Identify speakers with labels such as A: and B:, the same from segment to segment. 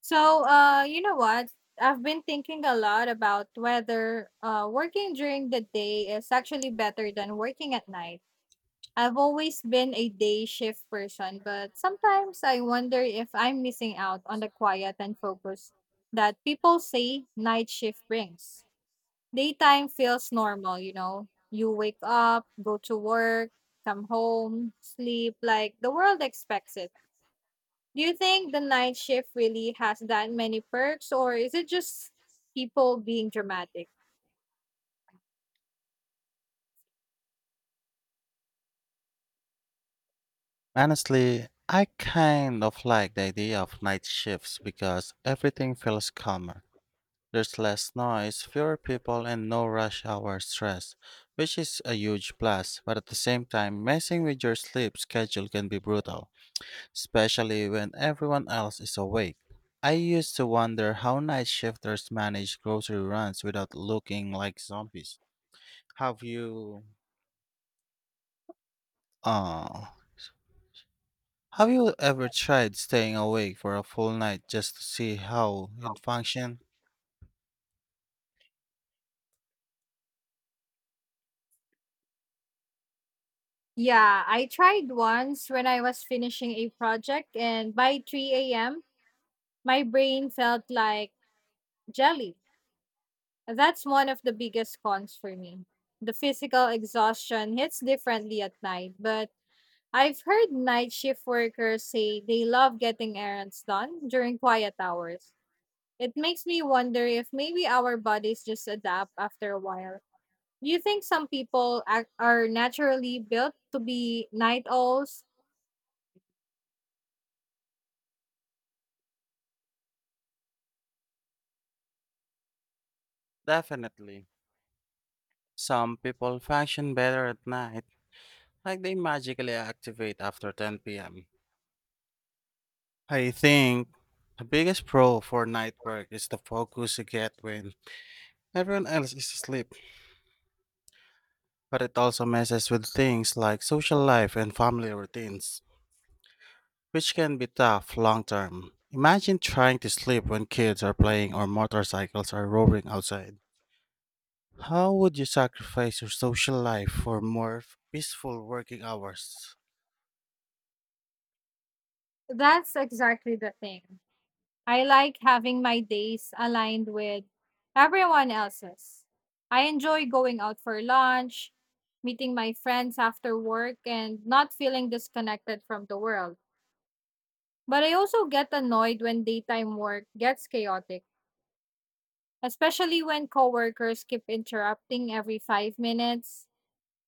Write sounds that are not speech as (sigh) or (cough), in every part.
A: So, you know what? I've been thinking a lot about whether working during the day is actually better than working at night. I've always been a day shift person, but sometimes I wonder if I'm missing out on the quiet and focus that people say night shift brings. Daytime feels normal, you know. You wake up, go to work, come home, sleep like the world expects it. Do you think the night shift really has that many perks, or is it just people being dramatic?
B: Honestly, I kind of like the idea of night shifts because everything feels calmer. There's less noise, fewer people, and no rush hour stress, which is a huge plus. But at the same time, messing with your sleep schedule can be brutal, especially when everyone else is awake. I used to wonder how night shifters manage grocery runs without looking like zombies. Have you? Uh, Have you ever tried staying awake for a full night just to see how you'd function?
A: Yeah, I tried once when I was finishing a project, and by 3 a.m., my brain felt like jelly. That's one of the biggest cons for me. The physical exhaustion hits differently at night, but I've heard night shift workers say they love getting errands done during quiet hours. It makes me wonder if maybe our bodies just adapt after a while. Do you think some people are naturally built to be night owls?
B: Definitely. Some people function better at night, like they magically activate after 10 p.m. I think the biggest pro for night work is the focus you get when everyone else is asleep, but it also messes with things like social life and family routines, which can be tough long term. Imagine trying to sleep when kids are playing or motorcycles are roaring outside. How would you sacrifice your social life for more peaceful working hours?
A: That's exactly the thing. I like having my days aligned with everyone else's. I enjoy going out for lunch, meeting my friends after work, and not feeling disconnected from the world. But I also get annoyed when daytime work gets chaotic, especially when coworkers keep interrupting every 5 minutes.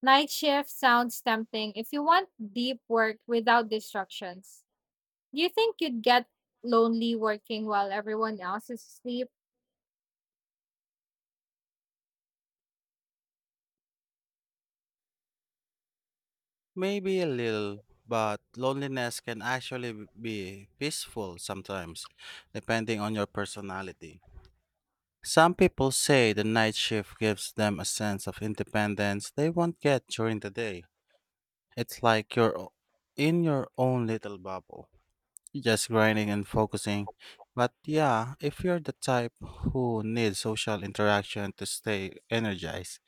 A: Night shift sounds tempting if you want deep work without distractions. Do you think you'd get lonely working while everyone else is asleep?
B: Maybe a little, but loneliness can actually be peaceful sometimes, depending on your personality. Some people say the night shift gives them a sense of independence they won't get during the day. It's like you're in your own little bubble. Just grinding and focusing. But yeah, if you're the type who needs social interaction to stay energized,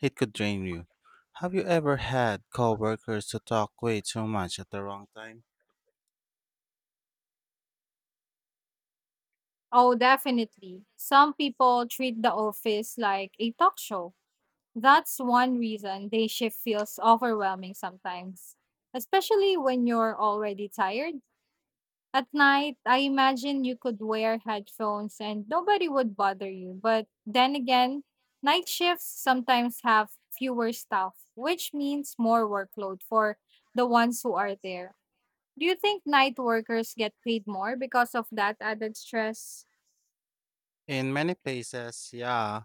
B: it could drain you. Have you ever had coworkers who talk way too much at the wrong time?
A: Oh, definitely. Some people treat the office like a talk show. That's one reason day shift feels overwhelming sometimes, especially when you're already tired. At night, I imagine you could wear headphones and nobody would bother you. But then again, night shifts sometimes have fewer staff, which means more workload for the ones who are there. Do you think night workers get paid more because of that added stress?
B: In many places, yeah,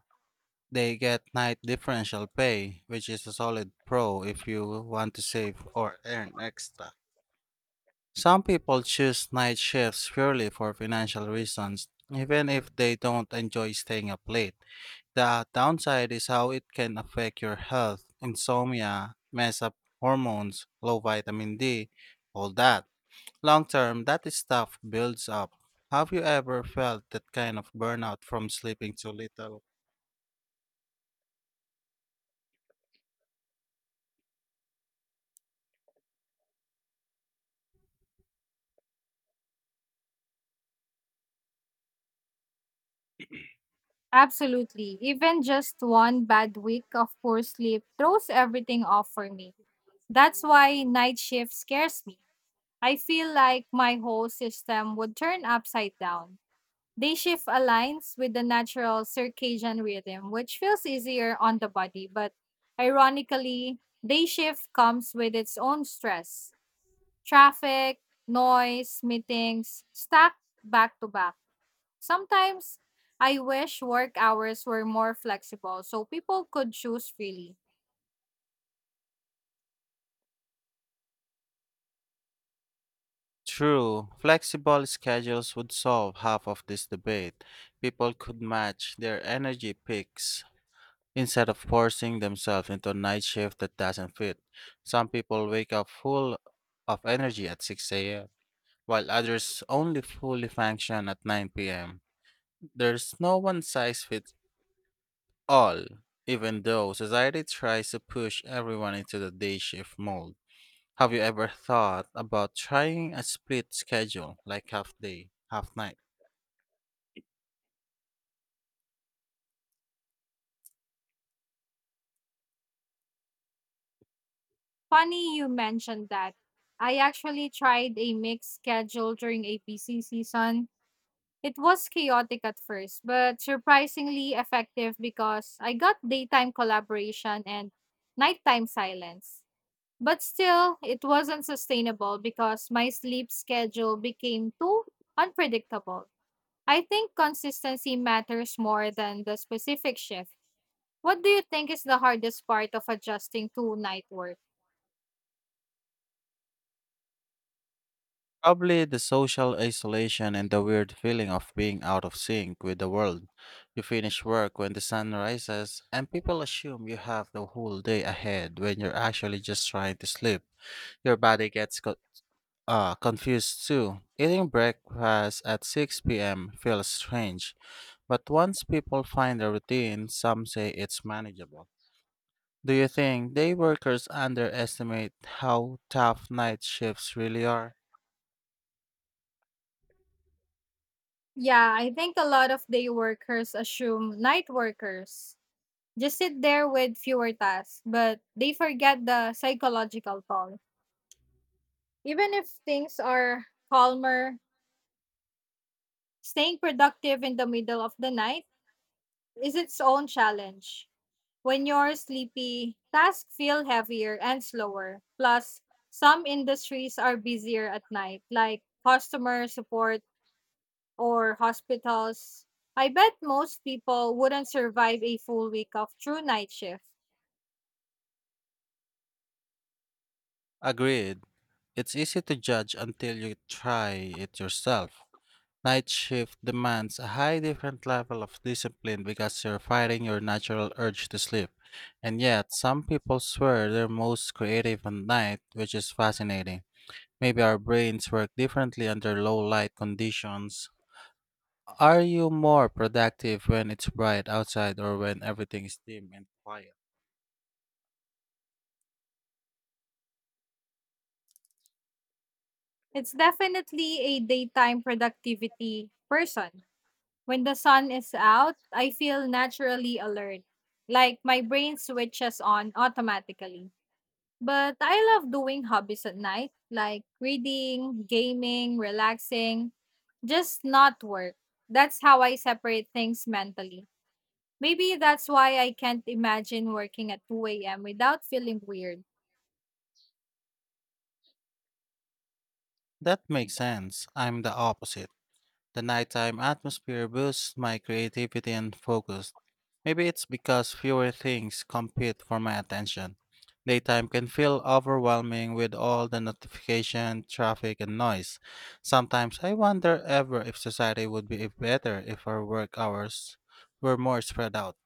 B: they get night differential pay, which is a solid pro if you want to save or earn extra. Some people choose night shifts purely for financial reasons, even if they don't enjoy staying up late. The downside is how it can affect your health, insomnia, mess up hormones, low vitamin D, all that. Long term, that stuff builds up. Have you ever felt that kind of burnout from sleeping too little?
A: Absolutely. Even just one bad week of poor sleep throws everything off for me. That's why night shift scares me. I feel like my whole system would turn upside down. Day shift aligns with the natural circadian rhythm, which feels easier on the body, but ironically, day shift comes with its own stress. Traffic, noise, meetings, stacked back to back. Sometimes I wish work hours were more flexible so people could choose freely.
B: True, flexible schedules would solve half of this debate. People could match their energy peaks instead of forcing themselves into a night shift that doesn't fit. Some people wake up full of energy at 6 a.m., while others only fully function at 9 p.m. There's no one size fits all, even though society tries to push everyone into the day shift mold. Have you ever thought about trying a split schedule, like half day, half night?
A: Funny you mentioned that. I actually tried a mixed schedule during a busy season. It was chaotic at first, but surprisingly effective because I got daytime collaboration and nighttime silence. But still, it wasn't sustainable because my sleep schedule became too unpredictable. I think consistency matters more than the specific shift. What do you think is the hardest part of adjusting to night work?
B: Probably the social isolation and the weird feeling of being out of sync with the world. You finish work when the sun rises, and people assume you have the whole day ahead when you're actually just trying to sleep. Your body gets confused too. Eating breakfast at 6 p.m. feels strange, but once people find a routine, some say it's manageable. Do you think day workers underestimate how tough night shifts really are?
A: Yeah, I think a lot of day workers assume night workers just sit there with fewer tasks, but they forget the psychological toll. Even if things are calmer, staying productive in the middle of the night is its own challenge. When you're sleepy, tasks feel heavier and slower. Plus, some industries are busier at night, like customer support or hospitals. I bet most people wouldn't survive a full week of true night shift.
B: Agreed. It's easy to judge until you try it yourself. Night shift demands a high different level of discipline because you're fighting your natural urge to sleep. And yet, some people swear they're most creative at night, which is fascinating. Maybe our brains work differently under low light conditions. Are you more productive when it's bright outside or when everything is dim and quiet?
A: It's definitely a daytime productivity person. When the sun is out, I feel naturally alert. Like my brain switches on automatically. But I love doing hobbies at night, like reading, gaming, relaxing, just not work. That's how I separate things mentally. Maybe that's why I can't imagine working at 2 a.m. without feeling weird.
B: That makes sense. I'm the opposite. The nighttime atmosphere boosts my creativity and focus. Maybe it's because fewer things compete for my attention. Daytime can feel overwhelming with all the notification, traffic, and noise. Sometimes I wonder ever if society would be better if our work hours were more spread out.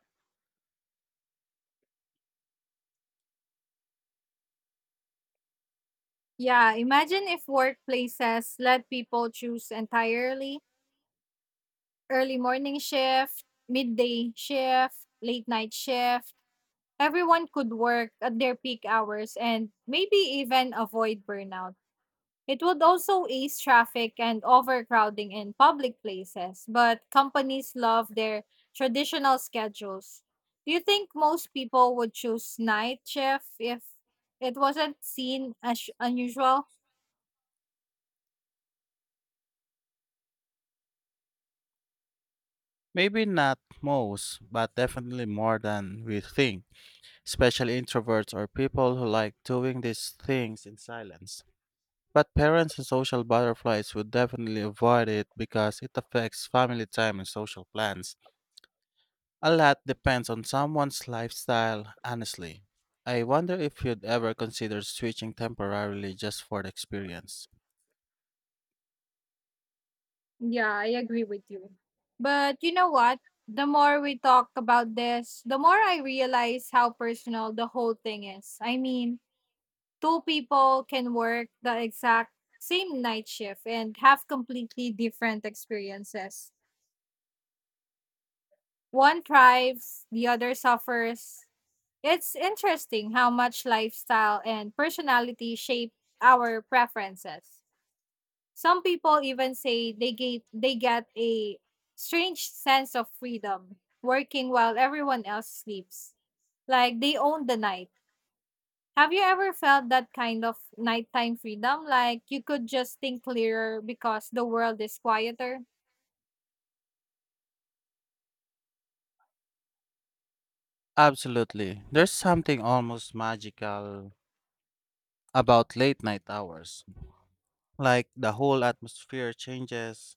A: Yeah, imagine if workplaces let people choose entirely: early morning shift, midday shift, late night shift. Everyone could work at their peak hours and maybe even avoid burnout. It would also ease traffic and overcrowding in public places, but companies love their traditional schedules. Do you think most people would choose night shift if it wasn't seen as unusual?
B: Maybe not most, but definitely more than we think, especially introverts or people who like doing these things in silence. But parents and social butterflies would definitely avoid it because it affects family time and social plans. A lot depends on someone's lifestyle, honestly. I wonder if you'd ever consider switching temporarily just for the experience.
A: Yeah, I agree with you. But you know what? The more we talk about this, the more I realize how personal the whole thing is. I mean, two people can work the exact same night shift and have completely different experiences. One thrives, the other suffers. It's interesting how much lifestyle and personality shape our preferences. Some people even say they get a strange sense of freedom working while everyone else sleeps. Like they own the night. Have you ever felt that kind of nighttime freedom? Like you could just think clearer because the world is quieter?
B: Absolutely. There's something almost magical about late night hours. Like the whole atmosphere changes.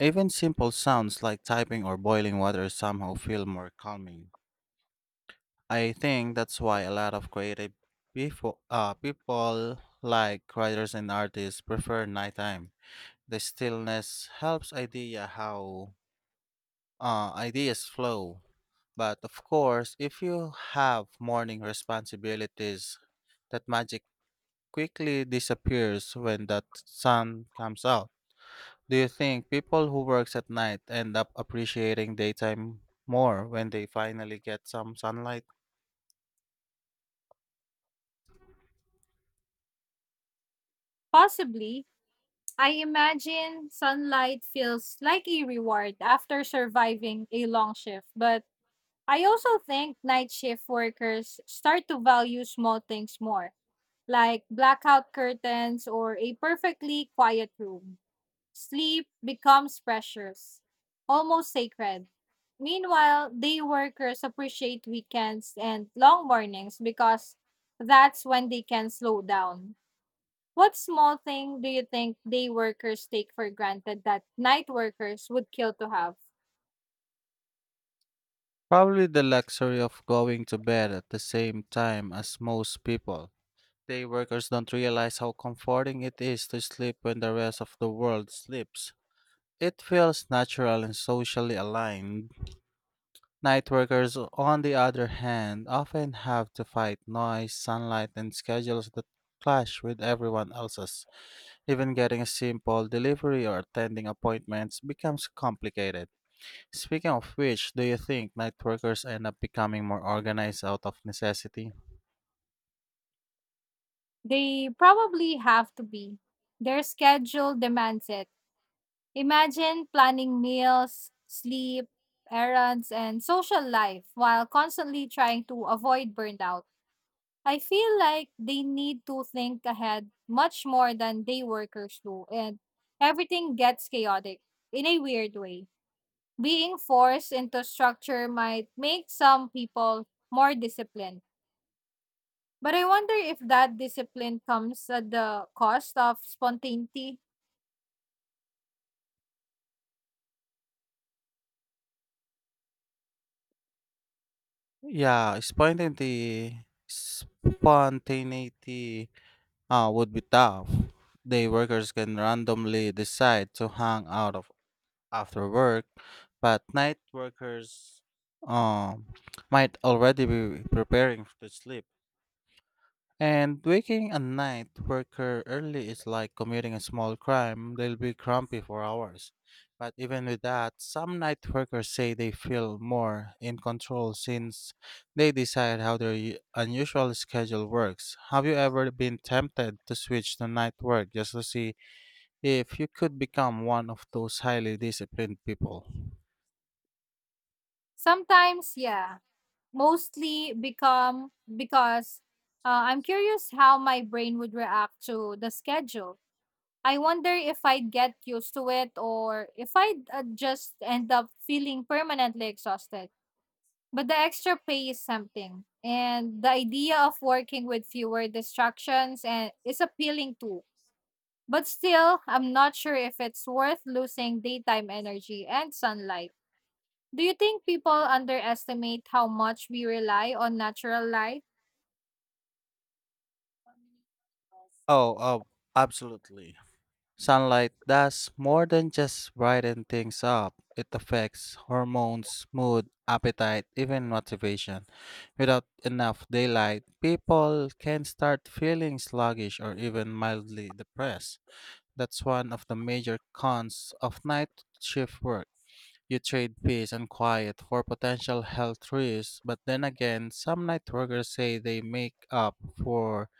B: Even simple sounds like typing or boiling water somehow feel more calming. I think that's why a lot of creative people like writers and artists prefer nighttime. The stillness helps ideas flow. But of course, if you have morning responsibilities, that magic quickly disappears when that sun comes out. Do you think people who works at night end up appreciating daytime more when they finally get some sunlight?
A: Possibly. I imagine sunlight feels like a reward after surviving a long shift, but I also think night shift workers start to value small things more, like blackout curtains or a perfectly quiet room. Sleep becomes precious, almost sacred. Meanwhile, day workers appreciate weekends and long mornings because that's when they can slow down. What small thing do you think day workers take for granted that night workers would kill to have?
B: Probably the luxury of going to bed at the same time as most people. Day workers don't realize how comforting it is to sleep when the rest of the world sleeps. It feels natural and socially aligned. Night workers, on the other hand, often have to fight noise, sunlight, and schedules that clash with everyone else's. Even getting a simple delivery or attending appointments becomes complicated. Speaking of which, do you think night workers end up becoming more organized out of necessity?
A: They probably have to be. Their schedule demands it. Imagine planning meals, sleep, errands, and social life while constantly trying to avoid burnout. I feel like they need to think ahead much more than day workers do, and everything gets chaotic in a weird way. Being forced into structure might make some people more disciplined, but I wonder if that discipline comes at the cost of spontaneity.
B: Yeah, spontaneity would be tough. Day workers can randomly decide to hang out of after work, but night workers um, might already be preparing to sleep. And waking a night worker early is like committing a small crime. They'll be grumpy for hours. But even with that, some night workers say they feel more in control since they decide how their unusual schedule works. Have you ever been tempted to switch to night work just to see if you could become one of those highly disciplined people?
A: Sometimes, yeah. Mostly become because I'm curious how my brain would react to the schedule. I wonder if I'd get used to it or if I'd just end up feeling permanently exhausted. But the extra pay is something. And the idea of working with fewer distractions and is appealing too. But still, I'm not sure if it's worth losing daytime energy and sunlight. Do you think people underestimate how much we rely on natural light?
B: Oh, absolutely. Sunlight does more than just brighten things up. It affects hormones, mood, appetite, even motivation. Without enough daylight, people can start feeling sluggish or even mildly depressed. That's one of the major cons of night shift work. You trade peace and quiet for potential health risks, but then again, some night workers say they make up for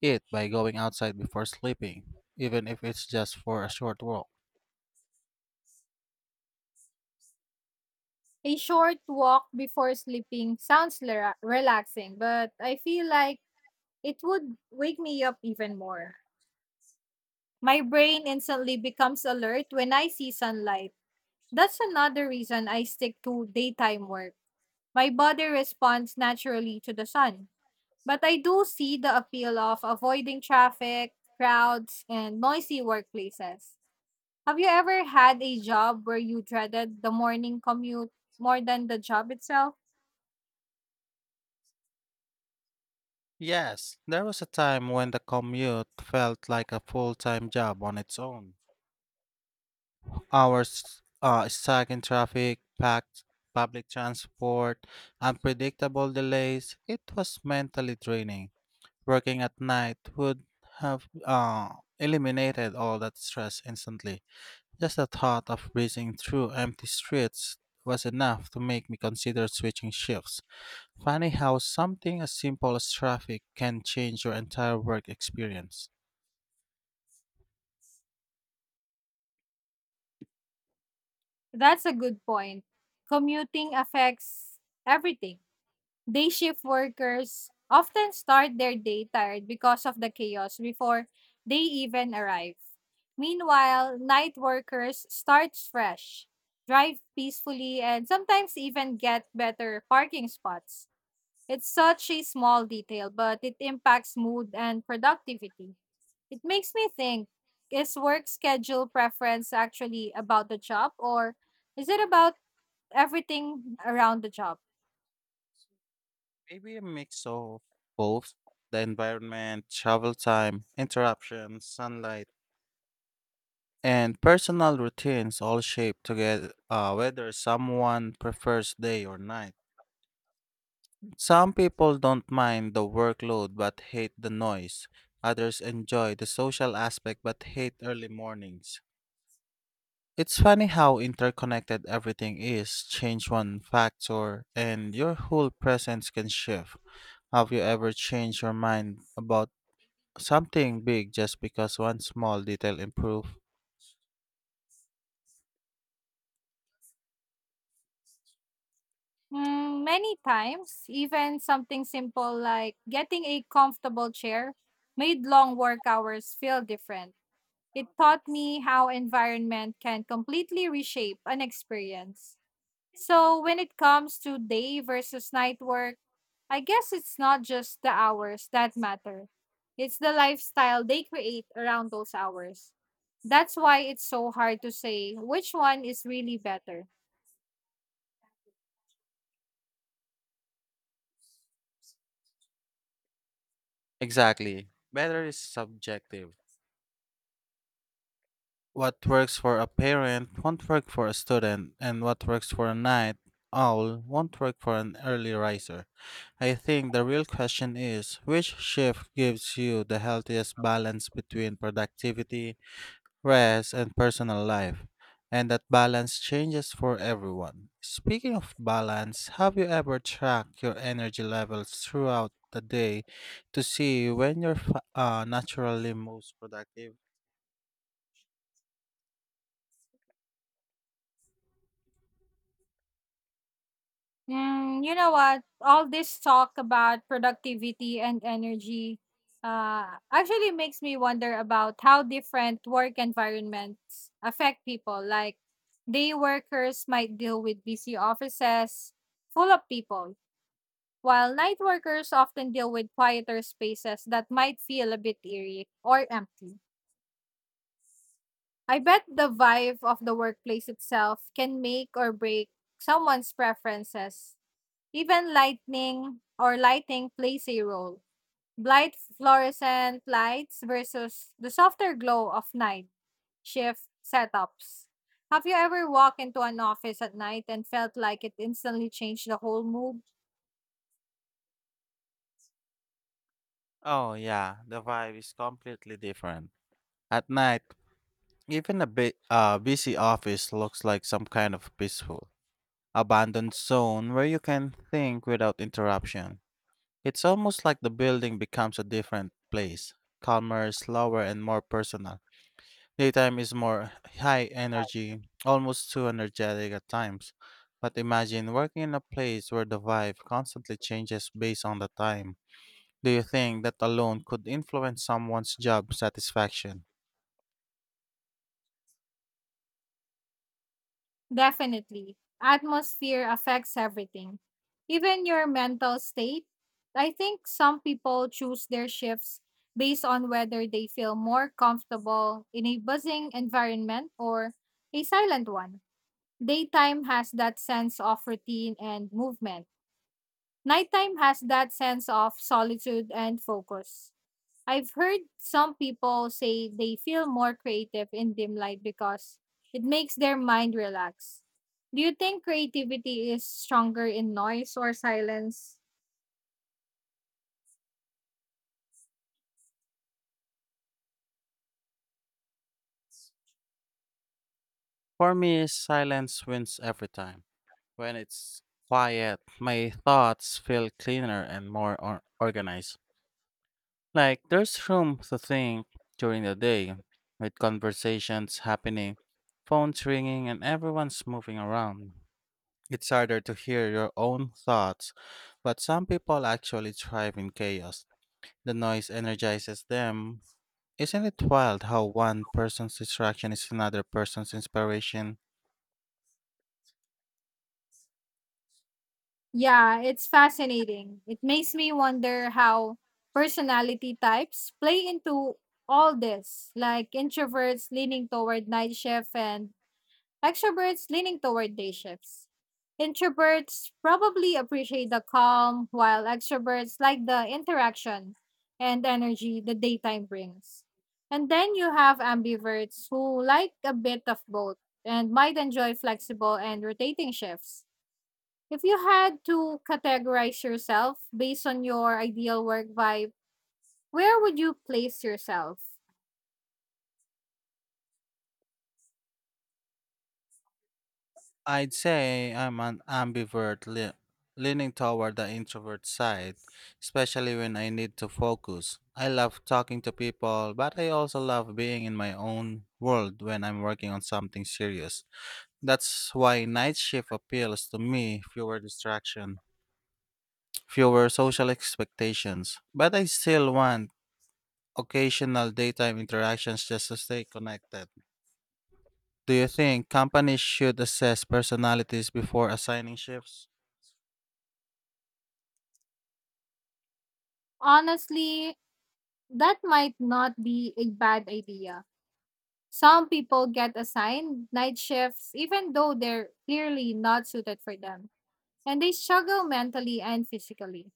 B: it by going outside before sleeping, even if it's just for a short walk.
A: A short walk before sleeping sounds relaxing, but I feel like it would wake me up even more. My brain instantly becomes alert when I see sunlight. That's another reason I stick to daytime work. My body responds naturally to the sun. But I do see the appeal of avoiding traffic, crowds, and noisy workplaces. Have you ever had a job where you dreaded the morning commute more than the job itself?
B: Yes, there was a time when the commute felt like a full time job on its own. Hours stuck in traffic, packed public transport, unpredictable delays, it was mentally draining. Working at night would have eliminated all that stress instantly. Just the thought of breezing through empty streets was enough to make me consider switching shifts. Funny how something as simple as traffic can change your entire work experience.
A: That's a good point. Commuting affects everything. Day shift workers often start their day tired because of the chaos before they even arrive. Meanwhile, night workers start fresh, drive peacefully, and sometimes even get better parking spots. It's such a small detail, but it impacts mood and productivity. It makes me think, is work schedule preference actually about the job, or is it about everything around the job?
B: Maybe a mix of both the environment, travel time, interruptions, sunlight, and personal routines all shape together whether someone prefers day or night. Some people don't mind the workload but hate the noise. Others enjoy the social aspect but hate early mornings. It's funny how interconnected everything is. Change one factor and your whole presence can shift. Have you ever changed your mind about something big just because one small detail improved?
A: Mm, many times. Even something simple like getting a comfortable chair made long work hours feel different. It taught me how environment can completely reshape an experience. So, when it comes to day versus night work, I guess it's not just the hours that matter. It's the lifestyle they create around those hours. That's why it's so hard to say which one is really better.
B: Exactly. Better is subjective. What works for a parent won't work for a student, and what works for a night owl won't work for an early riser. I think the real question is which shift gives you the healthiest balance between productivity, rest, and personal life? And that balance changes for everyone. Speaking of balance, have you ever tracked your energy levels throughout the day to see when you're naturally most productive?
A: Mm, you know what? All this talk about productivity and energy actually makes me wonder about how different work environments affect people. Like, day workers might deal with busy offices full of people, while night workers often deal with quieter spaces that might feel a bit eerie or empty. I bet the vibe of the workplace itself can make or break someone's preferences. Even lightning or lighting plays a role. Bright fluorescent lights versus the softer glow of night shift setups. Have you ever walked into an office at night and felt like it instantly changed the whole mood?
B: Oh yeah, the vibe is completely different. At night, even a busy office looks like some kind of peaceful, abandoned zone where you can think without interruption. It's almost like the building becomes a different place, calmer, slower, and more personal. Daytime is more high energy, almost too energetic at times. But imagine working in a place where the vibe constantly changes based on the time. Do you think that alone could influence someone's job satisfaction?
A: Definitely. Atmosphere affects everything, even your mental state. I think some people choose their shifts based on whether they feel more comfortable in a buzzing environment or a silent one. Daytime has that sense of routine and movement. Nighttime has that sense of solitude and focus. I've heard some people say they feel more creative in dim light because it makes their mind relax. Do you think creativity is stronger in noise or silence?
B: For me, silence wins every time. When it's quiet, my thoughts feel cleaner and more organized. Like there's room to think during the day, with conversations happening, phones ringing, and everyone's moving around. It's harder to hear your own thoughts, but some people actually thrive in chaos. The noise energizes them. Isn't it wild how one person's distraction is another person's inspiration?
A: Yeah, it's fascinating. It makes me wonder how personality types play into all this, like introverts leaning toward night shift and extroverts leaning toward day shifts. Introverts probably appreciate the calm, while extroverts like the interaction and energy the daytime brings. And then you have ambiverts who like a bit of both and might enjoy flexible and rotating shifts. If you had to categorize yourself based on your ideal work vibe, where would you place yourself?
B: I'd say I'm an ambivert, leaning toward the introvert side, especially when I need to focus. I love talking to people, but I also love being in my own world when I'm working on something serious. That's why night shift appeals to me, fewer distraction, fewer social expectations. But I still want occasional daytime interactions just to stay connected. Do you think companies should assess personalities before assigning shifts?
A: Honestly, that might not be a bad idea. Some people get assigned night shifts even though they're clearly not suited for them, and they struggle mentally and physically.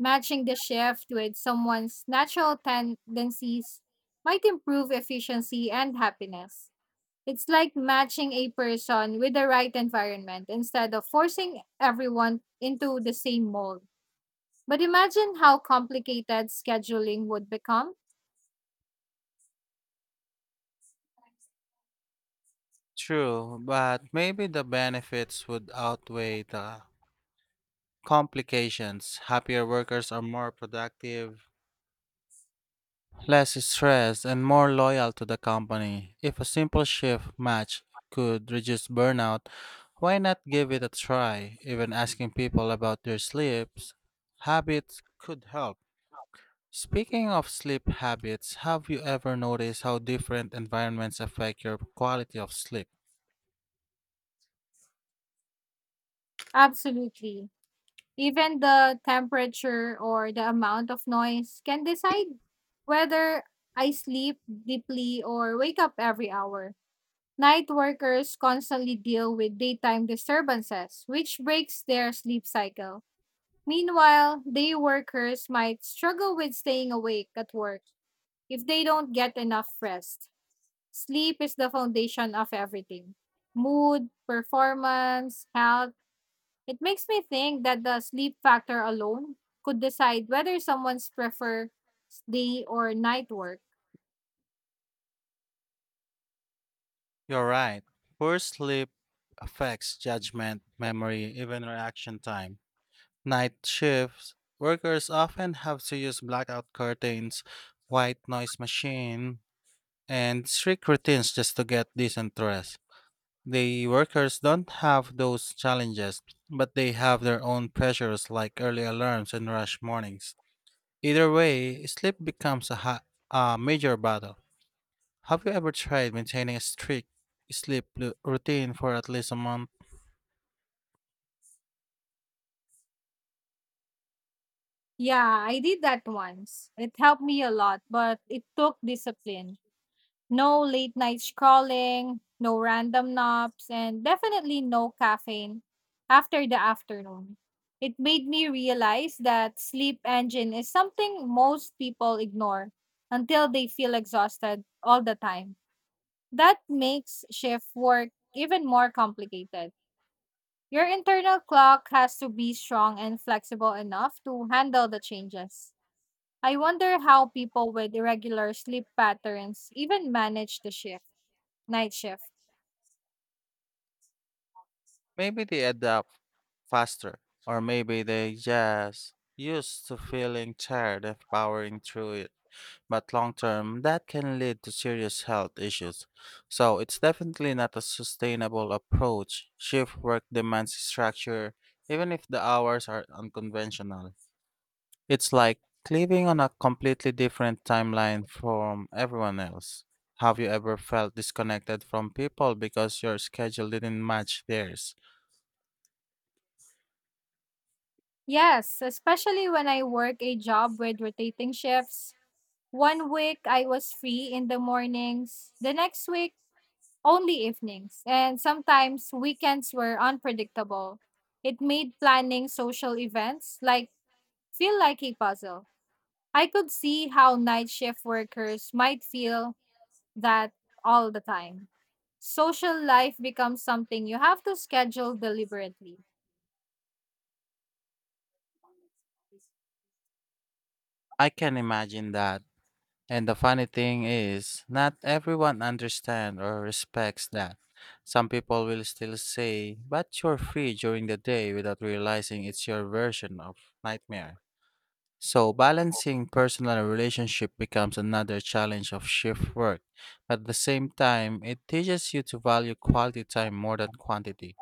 A: Matching the shift with someone's natural tendencies might improve efficiency and happiness. It's like matching a person with the right environment instead of forcing everyone into the same mold. But imagine how complicated scheduling would become.
B: True, but maybe the benefits would outweigh the complications. Happier workers are more productive, less stressed, and more loyal to the company. If a simple shift match could reduce burnout, why not give it a try? Even asking people about their sleeps habits could help. Speaking of sleep habits, have you ever noticed how different environments affect your quality of sleep?
A: Absolutely. Even the temperature or the amount of noise can decide whether I sleep deeply or wake up every hour. Night workers constantly deal with daytime disturbances, which breaks their sleep cycle. Meanwhile, day workers might struggle with staying awake at work if they don't get enough rest. Sleep is the foundation of everything: mood, performance, health. It makes me think that the sleep factor alone could decide whether someone's prefer day or night work.
B: You're right. Poor sleep affects judgment, memory, even reaction time. Night shifts, workers often have to use blackout curtains, white noise machine, and strict routines just to get decent rest. The workers don't have those challenges, but they have their own pressures like early alarms and rush mornings. Either way, sleep becomes a major battle. Have you ever tried maintaining a strict sleep routine for at least a month?
A: Yeah, I did that once. It helped me a lot, but it took discipline. No late night scrolling, no random naps, and definitely no caffeine after the afternoon. It made me realize that sleep engine is something most people ignore until they feel exhausted all the time. That makes shift work even more complicated. Your internal clock has to be strong and flexible enough to handle the changes. I wonder how people with irregular sleep patterns even manage the shift, night shift.
B: Maybe they adapt faster, or maybe they just used to feeling tired and powering through it. But long term, that can lead to serious health issues. So it's definitely not a sustainable approach. Shift work demands structure, even if the hours are unconventional. It's like living on a completely different timeline from everyone else. Have you ever felt disconnected from people because your schedule didn't match theirs?
A: Yes, especially when I work a job with rotating shifts. One week I was free in the mornings, the next week only evenings, and sometimes weekends were unpredictable. It made planning social events like feel like a puzzle. I could see how night shift workers might feel that all the time. Social life becomes something you have to schedule deliberately.
B: I can imagine that. And the funny thing is, not everyone understands or respects that. Some people will still say, but you're free during the day without realizing it's your version of nightmare. So, balancing personal and relationship becomes another challenge of shift work. At the same time, it teaches you to value quality time more than quantity.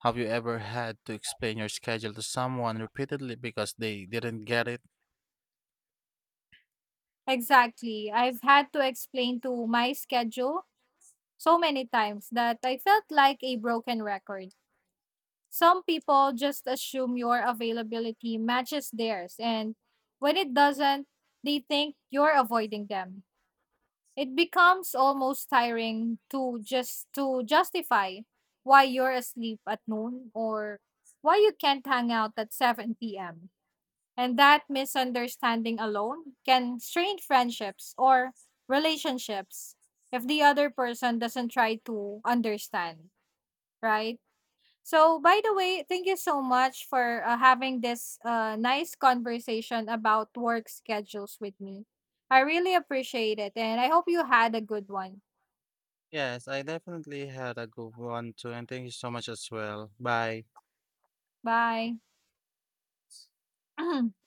B: Have you ever had to explain your schedule to someone repeatedly because they didn't get it?
A: Exactly. I've had to explain to my schedule so many times that I felt like a broken record. Some people just assume your availability matches theirs, and when it doesn't, they think you're avoiding them. It becomes almost tiring to just to justify why you're asleep at noon or why you can't hang out at 7 p.m. And that misunderstanding alone can strain friendships or relationships if the other person doesn't try to understand, right? So, by the way, thank you so much for having this nice conversation about work schedules with me. I really appreciate it, and I hope you had a good one.
B: Yes, I definitely had a good one too, and thank you so much as well. Bye.
A: Bye. (laughs) (clears throat)